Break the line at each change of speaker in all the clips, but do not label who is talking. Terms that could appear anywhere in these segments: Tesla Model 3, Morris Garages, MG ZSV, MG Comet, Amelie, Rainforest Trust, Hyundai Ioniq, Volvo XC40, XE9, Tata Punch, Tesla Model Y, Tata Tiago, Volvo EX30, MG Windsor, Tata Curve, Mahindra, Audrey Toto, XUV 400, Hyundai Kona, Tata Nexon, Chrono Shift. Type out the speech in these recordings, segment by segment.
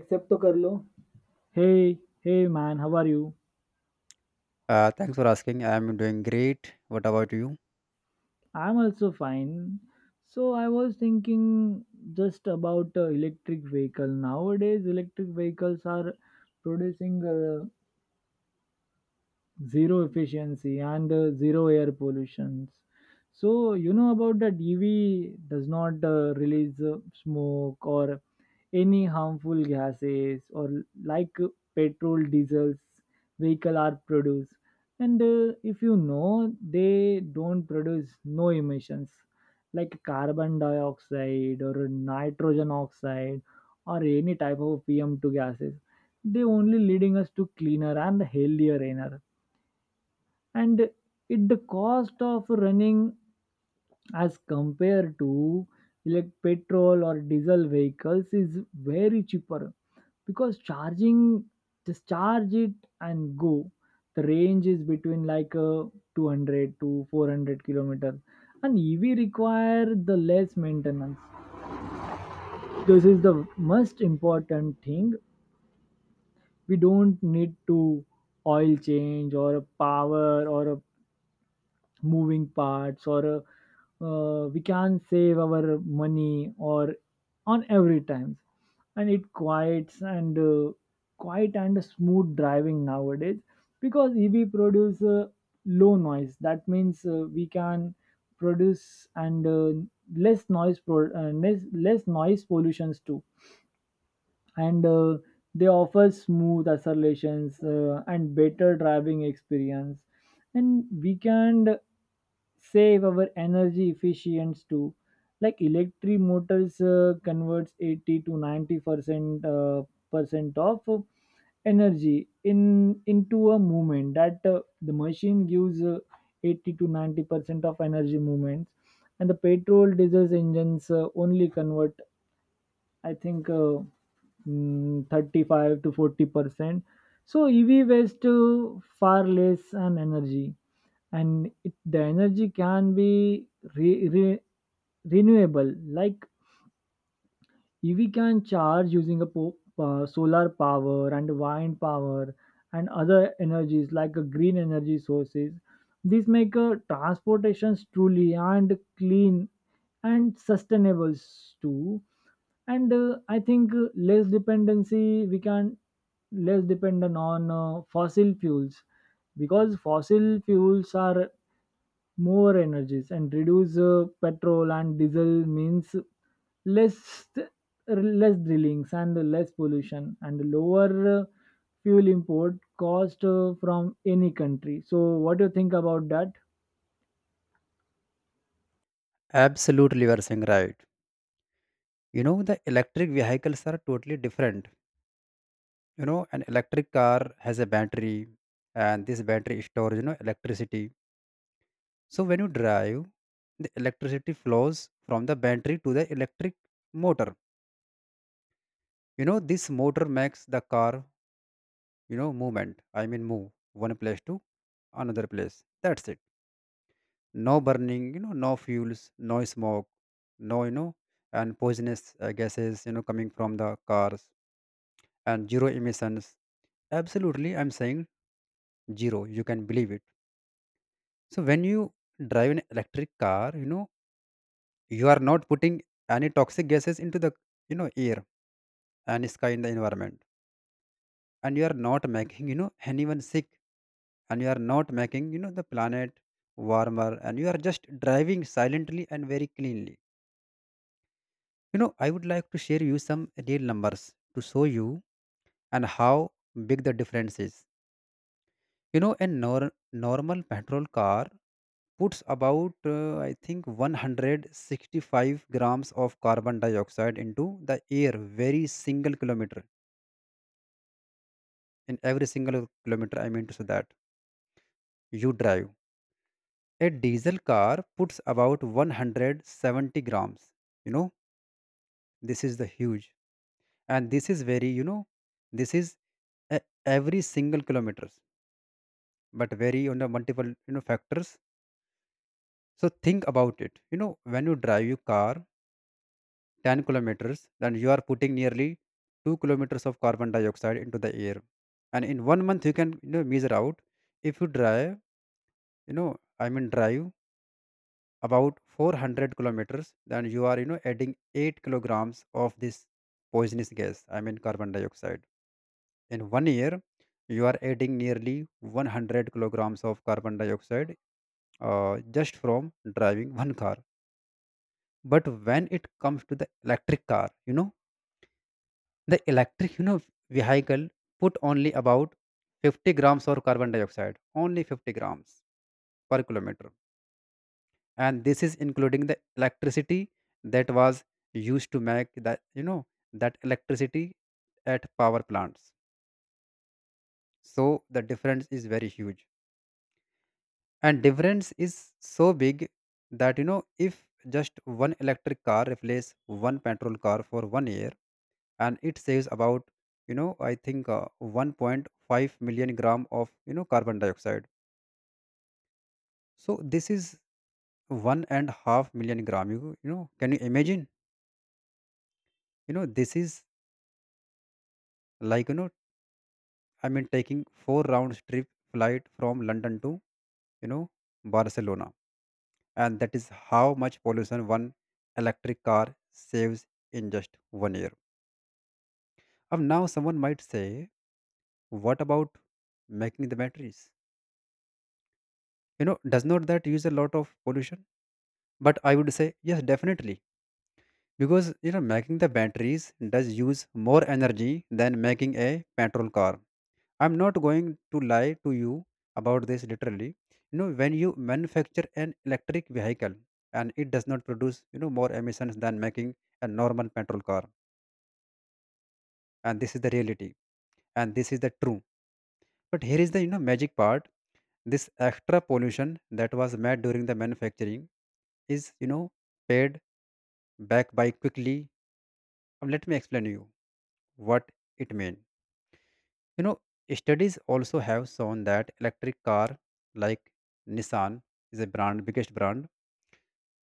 Accept तो कर लो Hey, hey man, how are you?
Thanks for asking. I'm doing great. What about you?
I'm also fine. So I was thinking just about electric vehicle. Nowadays, electric vehicles are producing zero efficiency and zero air pollutions, so you know about that ev does not release smoke or any harmful gases or like petrol diesels vehicle are produced, and if you know, they don't produce no emissions like carbon dioxide or nitrogen oxide or any type of pm2 gases. They only leading us to cleaner and healthier air, and it the cost of running as compared to like petrol or diesel vehicles is very cheaper because charging, just charge it and go. The range is between like 200 to 400 kilometers, and ev require the less maintenance. This is the most important thing. We don't need to oil change or a power or a moving parts or we can save our money or on every times. And it quiets and quiet and smooth driving nowadays because EV produce low noise, that means we can produce and less noise pollutions too. And they offer smooth accelerations and better driving experience, and we can save our energy efficiency too. Like electric motors converts 80 to 90% percent of energy in into a movement. That the machine gives 80 to 90% of energy movements, and the petrol diesel engines only convert, I think 35 to 40%. So EV waste far less an energy, and it, the energy can be re, re, renewable. Like EV can charge using a solar power and wind power and other energies like green energy sources. These make transportations truly and clean and sustainable too. And I think less dependency we can less dependent on fossil fuels because fossil fuels are more energies, and reduce petrol and diesel means less, less drillings and less pollution and lower uh, fuel import cost from any country. So what do you think about that?
Absolutely, you are saying right. The electric vehicles are totally different. An electric car has a battery, and this battery stores, electricity. So when you drive, the electricity flows from the battery to the electric motor. This motor makes the car, movement. I mean, move one place to another place. That's it. No burning, no fuels, no smoke, no, and poisonous gases, coming from the cars, and zero emissions. Absolutely, I'm saying zero. You can believe it. So when you drive an electric car, you are not putting any toxic gases into the, air and sky in the environment, and you are not making, anyone sick, and you are not making, the planet warmer, and you are just driving silently and very cleanly. I would like to share you some real numbers to show you and how big the difference is. A normal petrol car puts about, I think, 165 grams of carbon dioxide into the air very single kilometer. In every single kilometer, I mean to say that you drive. A diesel car puts about 170 grams. You know, this is the huge. And this is very, this is a- every single kilometer, but vary on the multiple factors. So think about it, when you drive your car 10 kilometers, then you are putting nearly 2 kilometers of carbon dioxide into the air, and in one month you can, measure out, if you drive, you know I mean, drive about 400 kilometers, then you are, adding 8 kilograms of this poisonous gas, I mean, carbon dioxide. In one year, you are adding nearly 100 kilograms of carbon dioxide, just from driving one car. But when it comes to the electric car, the electric, vehicle put only about 50 grams of carbon dioxide, only 50 grams per kilometer, and this is including the electricity that was used to make that, that electricity at power plants. So the difference is very huge, and difference is so big that, if just one electric car replace one petrol car for one year, and it saves about, I think 1.5 million gram of, carbon dioxide. So this is one and half million gram. You know, can you imagine? This is like, I mean, taking four round trip flight from London to, you know Barcelona, and that is how much pollution one electric car saves in just one year. Now someone might say, what about making the batteries? Does not that use a lot of pollution? But I would say yes, definitely, because, making the batteries does use more energy than making a petrol car. I'm not going to lie to you about this literally. When you manufacture an electric vehicle, and it does not produce, more emissions than making a normal petrol car, and this is the reality, and this is the true. But here is the, magic part. This extra pollution that was made during the manufacturing is, paid back by quickly. Let me explain you what it mean, you know studies also have shown that electric car like Nissan is a brand biggest brand,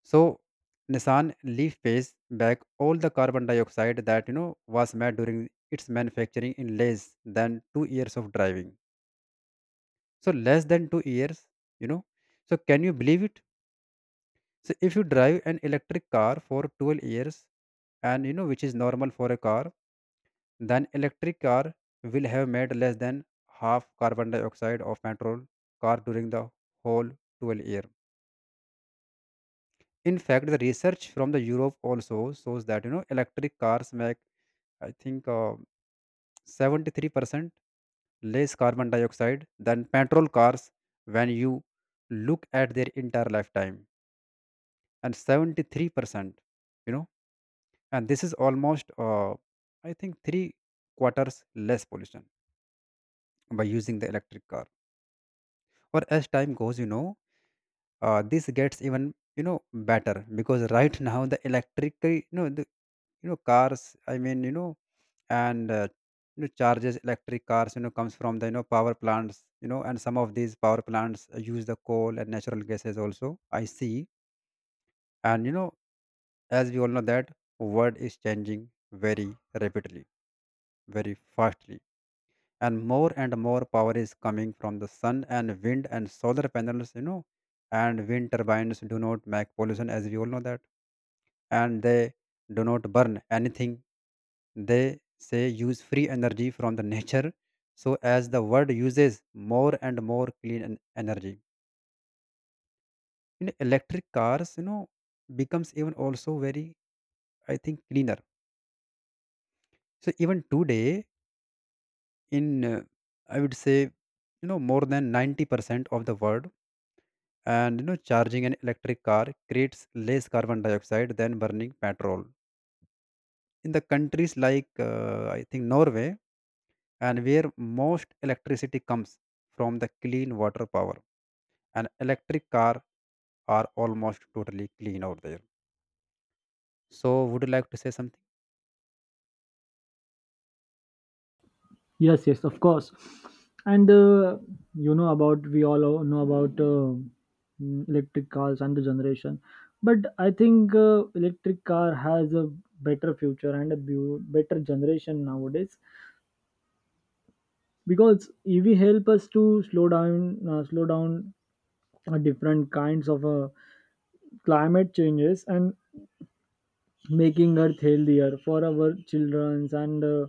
so Nissan Leaf pays back all the carbon dioxide that, was made during its manufacturing in less than 2 years of driving, so less than 2 years, you know so can you believe it? So if you drive an electric car for 12 years, and, which is normal for a car, then electric car will have made less than half carbon dioxide of petrol car during the whole 12 year. In fact, the research from the Europe also shows that, electric cars make, I think 73% less carbon dioxide than petrol cars when you look at their entire lifetime. And 73%, you know and this is almost, I think 3 quarters less pollution by using the electric car, or as time goes, this gets even, better, because right now the electric the, cars, I mean, and uh, charges electric cars, comes from the, power plants, and some of these power plants use the coal and natural gases also. I see. And, as we all know that world is changing very rapidly, very fastly, and more power is coming from the sun and wind and solar panels, and wind turbines do not make pollution, as we all know that, and they do not burn anything. They say use free energy from the nature. So as the world uses more and more clean energy, electric cars, becomes even also very, I think, cleaner. So even today, in I would say, more than 90% of the world, and, charging an electric car creates less carbon dioxide than burning petrol. In the countries like I think Norway, and where most electricity comes from the clean water power. An electric car are almost totally clean out there. So would you like to say something?
Yes, yes, of course. And you know about, we all know about electric cars and the generation, but I think electric car has a better future and a better generation nowadays because EV help us to slow down different kinds of climate changes, and making Earth healthier for our childrens and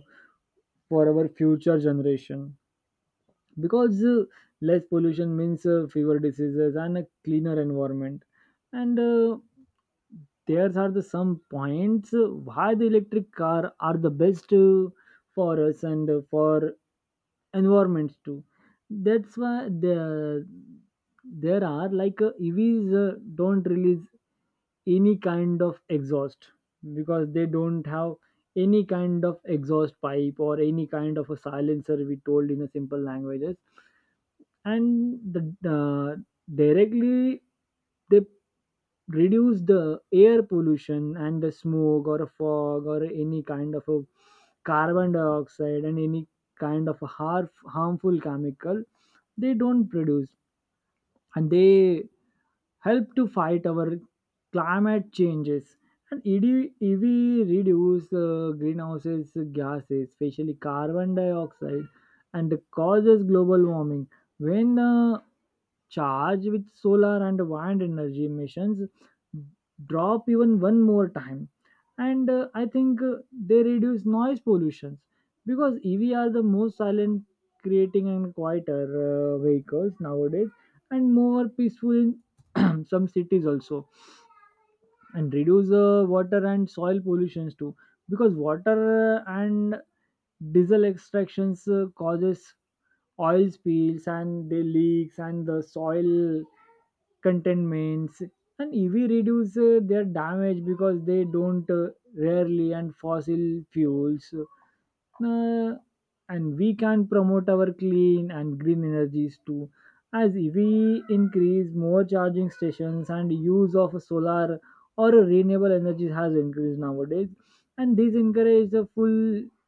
for our future generation. Because less pollution means fewer diseases and a cleaner environment. And there are the some points why the electric car are the best for us and for environments too. That's why the, there are like evs don't release any kind of exhaust, because they don't have any kind of exhaust pipe or any kind of a silencer, we told in a simple languages. And the directly they reduce the air pollution and the smoke or a fog or any kind of a carbon dioxide and any kind of a harmful chemical they don't produce. And they help to fight our climate changes. And ED EV reduce greenhouses gases, especially carbon dioxide, and causes global warming. When charged with solar and wind energy, emissions drop even one more time. And I think they reduce noise pollutions because EV are the most silent, creating and quieter vehicles nowadays, and more peaceful in some cities also. And reduce water and soil pollutions too, because water and diesel extractions causes oil spills and the leaks and the soil contaminants. And ev reduce their damage because they don't rarely and fossil fuels. uh, and we can promote our clean and green energies too, as ev increase more charging stations, and use of solar or renewable energies has increased nowadays. And this encourage the full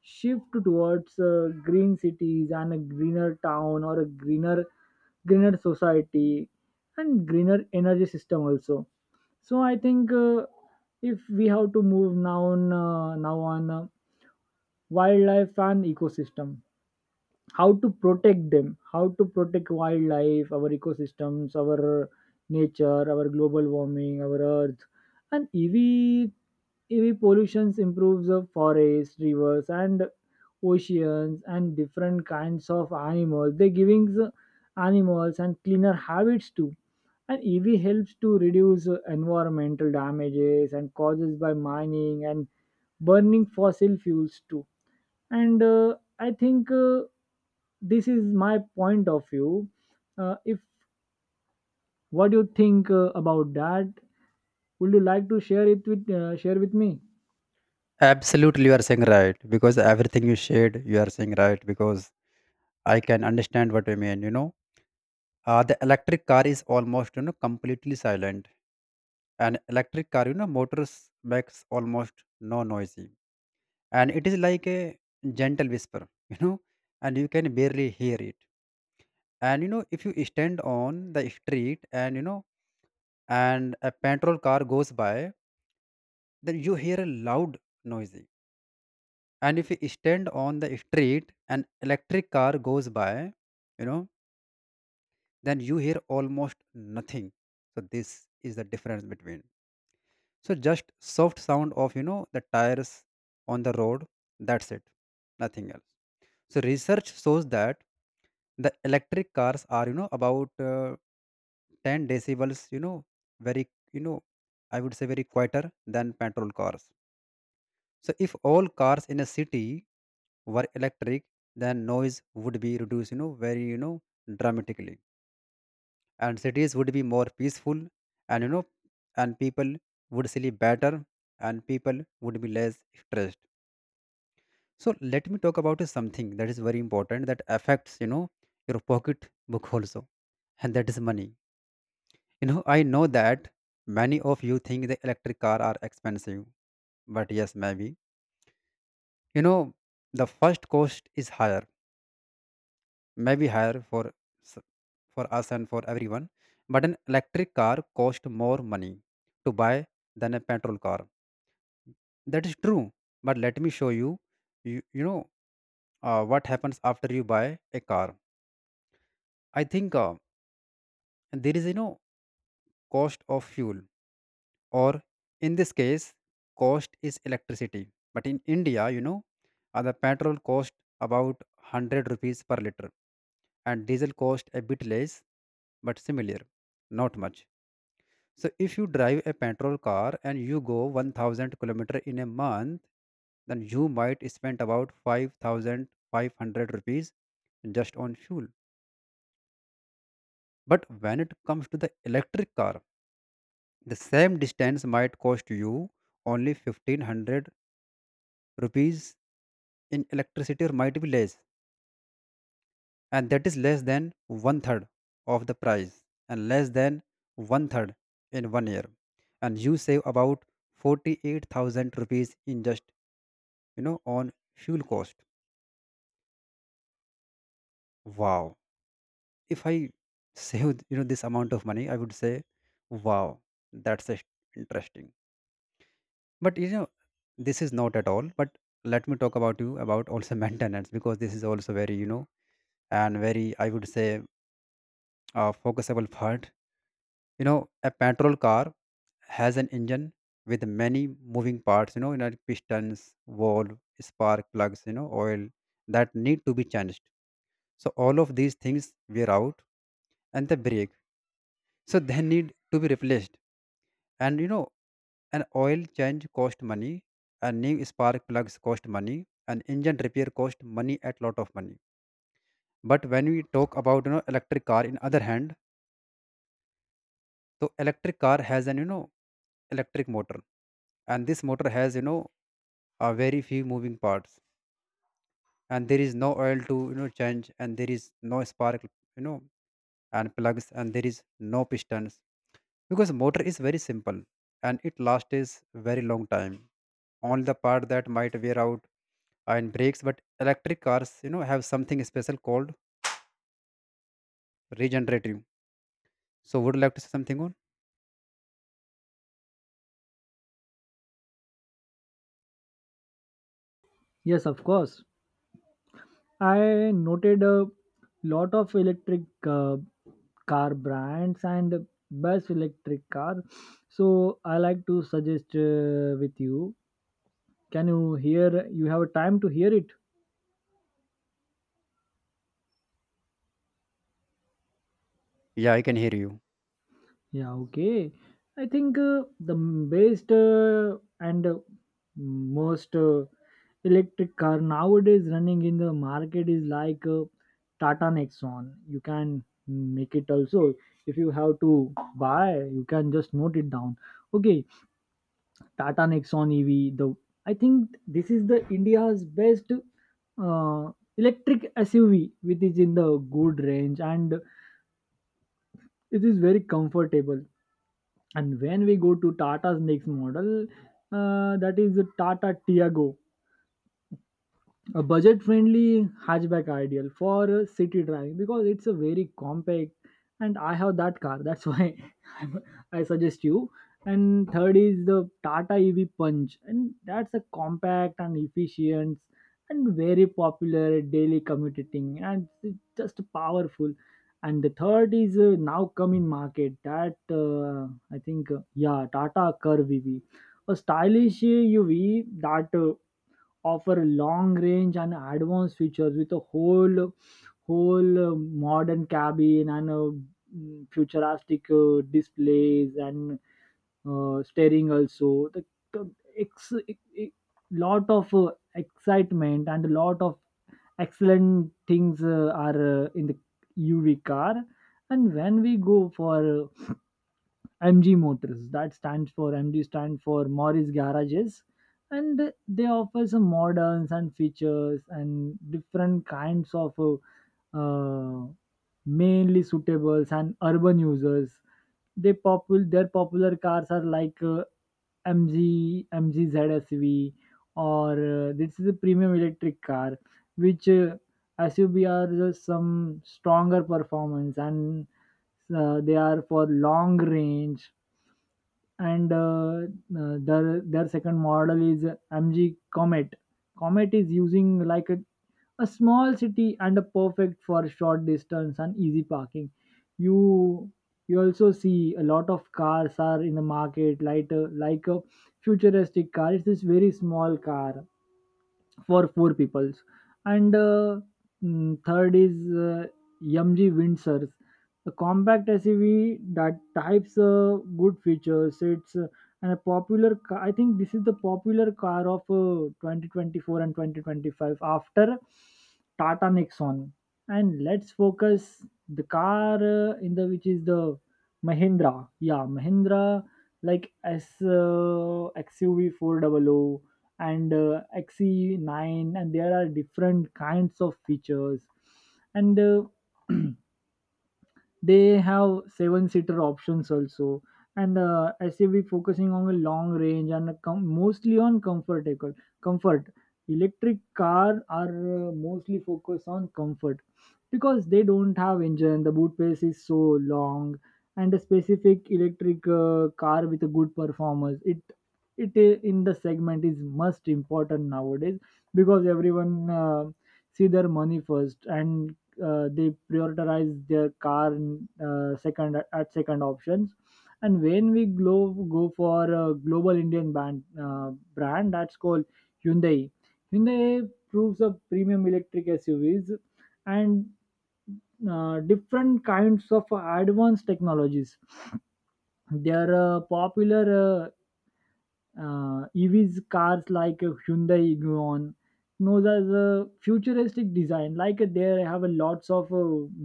shift towards green cities and a greener town or a greener society and greener energy system also. So I think if we have to move now on wildlife and ecosystem, how to protect them, how to protect wildlife, our ecosystems, our nature, our global warming, our earth. And ev pollution improves the forests, rivers and oceans and different kinds of animals, they giving the animals and cleaner habits too. And ev helps to reduce environmental damages and causes by mining and burning fossil fuels too. And I think this is my point of view. If what do you think about that? Would you like to share it with share with me?
Absolutely, you are saying right, because everything you shared, you are saying right, because I can understand what you mean. The electric car is almost, completely silent. An electric car, motors makes almost no noisy, and it is like a gentle whisper. And you can barely hear it, and, if you stand on the street, and, a patrol car goes by, then you hear a loud noisy, and if you stand on the street and electric car goes by, you know then you hear almost nothing. So this is the difference between. So just soft sound of, the tires on the road. That's it. Nothing else. So research shows that the electric cars are, about 10 decibels, very, I would say very quieter than petrol cars. So if all cars in a city were electric, then noise would be reduced, very, dramatically, and cities would be more peaceful, and, people would sleep better, and people would be less stressed. So let me talk about something that is very important that affects, your pocket book also, and that is money. I know that many of you think the electric car are expensive. But yes, maybe, you know the first cost is higher, maybe higher for s- for us and for everyone. But an electric car cost more money to buy than a petrol car. That is true. But let me show you, you, you know, what happens after you buy a car. I think. There is, cost of fuel, or in this case, cost is electricity. But in India, the petrol cost about 100 rupees per liter, and diesel cost a bit less, but similar, not much. So if you drive a petrol car and you go 1,000 kilometer in a month, then you might spend about 5,500 rupees just on fuel. But when it comes to the electric car, the same distance might cost you only 1,500 rupees in electricity, or might be less, and that is less than one third of the price, and less than one third in one year. And you save about 48,000 rupees in just, on fuel cost. Wow, if I save, this amount of money, I would say, wow, that's a- interesting. But this is not at all but let me talk about you about also maintenance because this is also very and very I would say focusable part. You know, a petrol car has an engine with many moving parts, like pistons, valve, spark plugs, oil that need to be changed. So all of these things wear out and they break, so they need to be replaced. And an oil change cost money. And new spark plugs cost money. And engine repair cost money, at lot of money. But when we talk about, electric car in other hand, so electric car has an, electric motor. And this motor has, a very few moving parts, and there is no oil to, change and there is no spark, and plugs, and there is no pistons, because motor is very simple and it lasts is very long time. Only the part that might wear out and brakes, but electric cars, have something special called regenerative. So would you like to say something on?
Yes, of course. I noted a lot of electric car brands and best electric car. So I like to suggest with you. Can you hear? You have time to hear it?
Yeah, I can hear you.
Yeah, okay. I think the best and most electric car nowadays running in the market is like Tata Nexon. You can make it also. If you have to buy, you can just note it down. Okay, Tata Nexon EV. The, I think this is the India's best uh, electric SUV, which is in the good range and it is very comfortable. And when we go to Tata's next model, that is the Tata Tiago, a budget friendly hatchback ideal for city driving because it's a very compact, and I have that car, that's why I'm, I suggest you. And third is the Tata EV Punch, and that's a compact and efficient and very popular daily commuting, and it's just powerful. And the third is now come in market that I think yeah, Tata Curve EV, a stylish uv that offer long range and advanced features with a whole modern cabin and futuristic displays and steering also. The, the ex, e- e- lot of excitement and a lot of excellent things are in the uv car. And when we go for MG Motors. That stands for, MG stand for Morris Garages, and they offer some models and features and different kinds of mainly suitables and urban users. They popular, their popular cars are like MG ZSV, or this is a premium electric car which SUV are just some stronger performance, and they are for long range. And their second model is MG Comet. Comet is using like a small city and a perfect for short distance and easy parking. You you also see a lot of cars are in the market, like a futuristic car. It's this very small car for four peoples. And third is uh, mg windsors, a compact suv that types good features. It's and a popular I think this is the popular car of 2024 and 2025 after Tata Nexon. And let's focus the car in the, which is the Mahindra, yeah, Mahindra, like s uh, XUV 400 and XE9, and there are different kinds of features. And they have seven seater options also. And suv focusing on a long range and a mostly on comfortable comfort. Electric car are mostly focused on comfort because they don't have engine, the boot space is so long. And a specific electric car with a good performance, it in the segment is most important nowadays because everyone see their money first, and they prioritize their car in, second, at second options. And when we go for a global indian brand brand that's called Hyundai. Hyundai proves a premium electric suvs and different kinds of advanced technologies. They are popular EVs cars like Hyundai Ion, knows as a futuristic design. Like they have a lots of uh,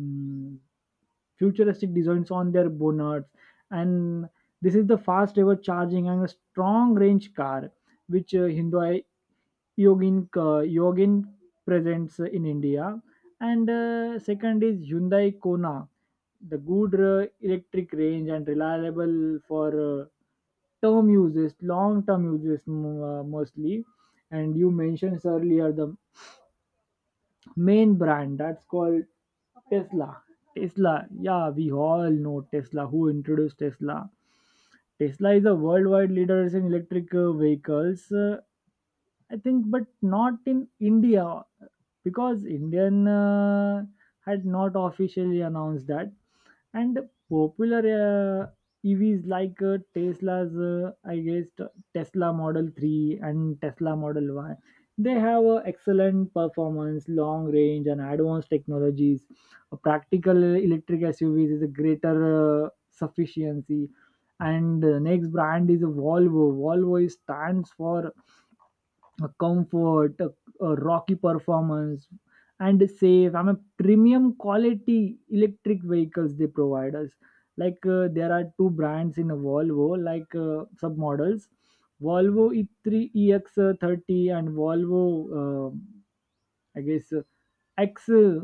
mm, futuristic designs on their bonnets. And this is the fast ever charging and a strong range car which Hyundai Yogin presents in India. And second is Hyundai Kona, the good electric range and reliable for term uses, long term uses, mostly. And you mentioned earlier the main brand that's called Tesla. Tesla, yeah, we all know Tesla. Who introduced Tesla? Tesla is a worldwide leader in electric vehicles. I think, but not in India because Indian had not officially announced that. And popular uh, EVs like Tesla's, I guess, Tesla Model 3 and Tesla Model Y, they have a excellent performance, long range, and advanced technologies. A practical electric SUVs is a greater sufficiency. And the next brand is a Volvo. Volvo is- stands for a comfort, a rocky performance, and safe. I'm a premium quality electric vehicles they provide us. Like there are two brands in a Volvo, like sub models, Volvo E3 EX30 and Volvo, I guess X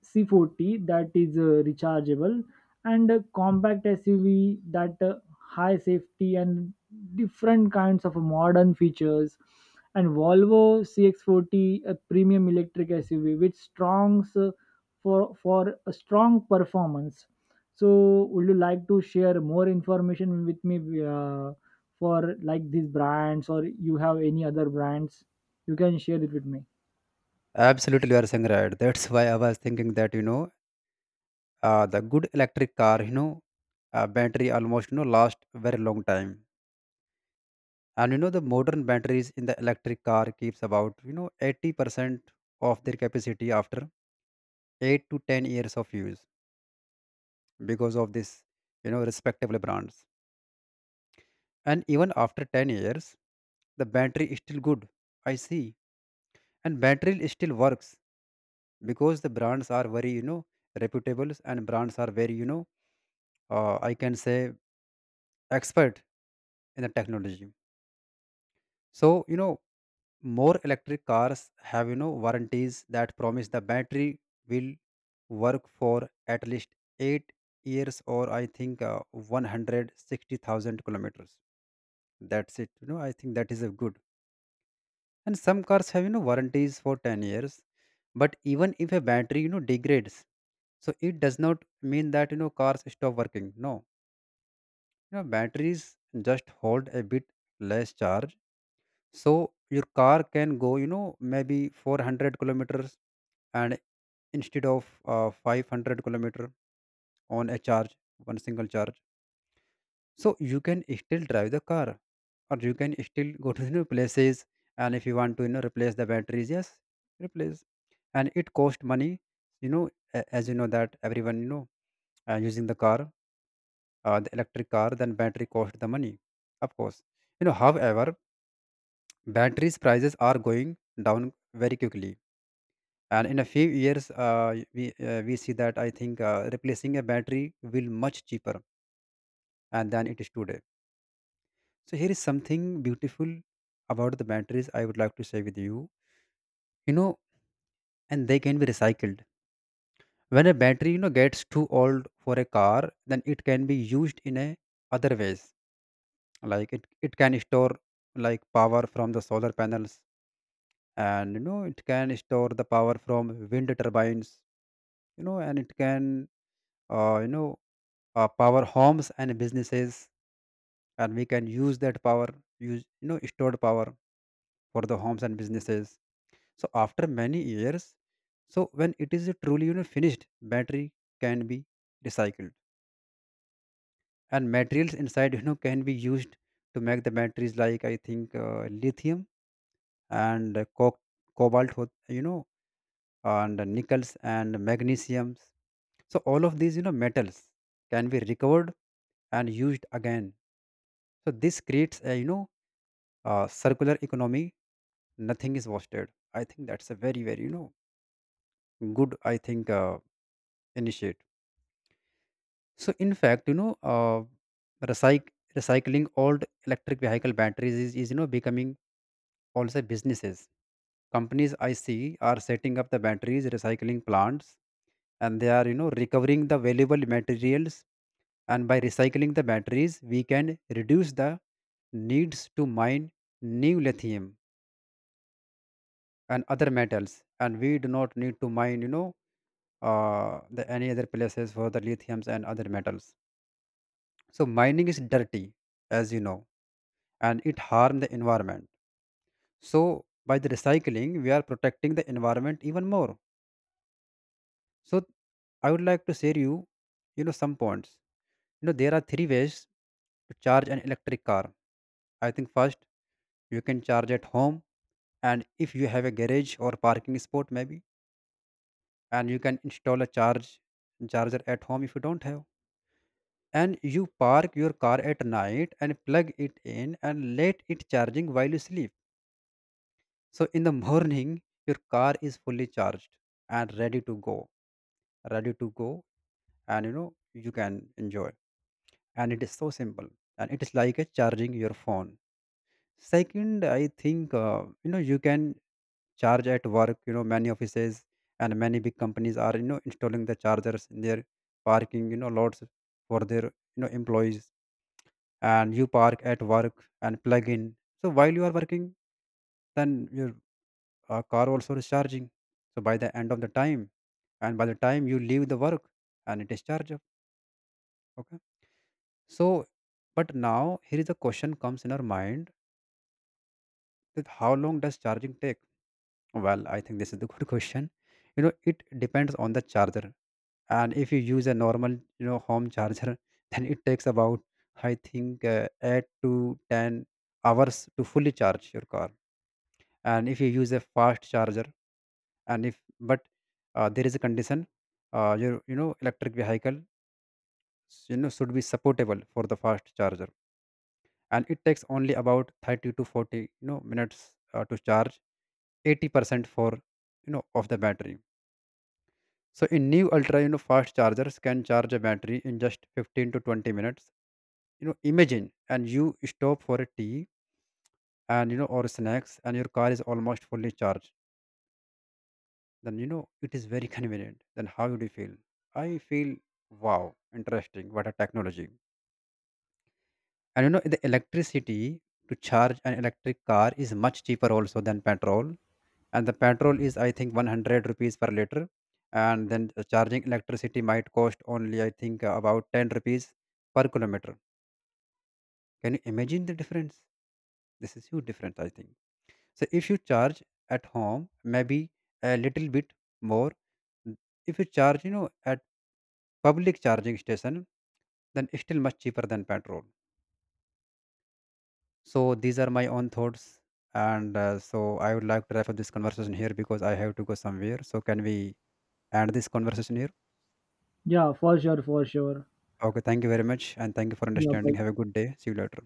C40, that is rechargeable and a compact SUV that high safety and different kinds of modern features. And Volvo CX40, a premium electric SUV with strong for a strong performance. So would you like to share more information with me uh, for like these brands, or you have any other brands, you can share it with me?
Absolutely, you are saying right. That's why I was thinking that, the good electric car, battery almost, last very long time, and the modern batteries in the electric car keeps about, 80% of their capacity after 8 to 10 years of use. Because of this, respectable brands, and even after 10 years, the battery is still good. I see, and battery still works because the brands are very, reputables and brands are very, I can say expert in the technology. So more electric cars have, warranties that promise the battery will work for at least 8 years, or I think 160,000 kilometers. That's it. I think that is a good. And some cars have, warranties for 10 years, but even if a battery, degrades, so it does not mean that, cars stop working. No, batteries just hold a bit less charge, so your car can go, maybe 400 kilometers and instead of 500 kilometer on a charge, one single charge. So you can still drive the car, or you can still go to new places. And if you want to, replace the batteries, yes, replace, and it cost money. you know as you know that everyone, using the car, the electric car, then battery cost the money, of course. However, batteries prices are going down very quickly, and in a few years we see that I think replacing a battery will much cheaper and than it is today. So here is something beautiful about the batteries I would like to share with you. You know And they can be recycled. When a battery, gets too old for a car, then it can be used in a other ways. Like it can store like power from the solar panels, and it can store the power from wind turbines, and it can uh, you know power homes and businesses. And we can use that power, use stored power for the homes and businesses. So after many years, so when it is truly, finished battery can be recycled, and materials inside, can be used to make the batteries, like I think lithium and cobalt, and nickels and magnesiums. So all of these, metals can be recovered and used again. So this creates a, circular economy. Nothing is wasted. I think that's a very very, good I think initiate. So in fact, recycling old electric vehicle batteries is becoming also businesses. Companies I see are setting up the batteries recycling plants, and they are, recovering the valuable materials. And by recycling the batteries we can reduce the needs to mine new lithium and other metals. And we do not need to mine, the any other places for the lithiums and other metals. So mining is dirty, as you know, and it harm the environment. So by the recycling, we are protecting the environment even more. So I would like to share you, you know some points. There are three ways to charge an electric car. I think first, you can charge at home. And if you have a garage or parking spot, maybe, and you can install a charger at home. If you don't have, and you park your car at night and plug it in and let it charging while you sleep, so in the morning your car is fully charged and ready to go. Ready to go. And you can enjoy, and it is so simple, and it is like a charging your phone. Second, I think you can charge at work. Many offices and many big companies are, installing the chargers in their parking, lots for their, employees and you park at work and plug in. So while you are working, then your car also is charging. So by the end of the time, and by the time you leave the work, and it is charged up. Okay. So, but now here is a question comes in our mind that how long does charging take? Well, I think this is the good question. You know, it depends on the charger. And if you use a normal, you know, home charger, then it takes about I think 8 to 10 hours to fully charge your car. And if you use a fast charger, and if but there is a condition, your, electric vehicle, should be supportable for the fast charger, and it takes only about 30 to 40, minutes to charge 80% for, of the battery. So in new ultra, fast chargers can charge a battery in just 15 to 20 minutes. Imagine, and you stop for a tea, and or snacks, and your car is almost fully charged. Then it is very convenient. Then how would you feel? I feel wow, interesting, what a technology. And the electricity to charge an electric car is much cheaper also than petrol. And the petrol is I think 100 rupees per liter, and then the charging electricity might cost only, I think about 10 rupees per kilometer. Can you imagine the difference? This is huge difference, I think. So if you charge at home, maybe a little bit more. If you charge, at public charging station, then still much cheaper than petrol. So these are my own thoughts. And so I would like to wrap up this conversation here because I have to go somewhere. So can we end this conversation here?
Yeah, for sure, for sure.
Okay, thank you very much, and thank you for
Yeah, bye.
understanding. Have a good day. See you later.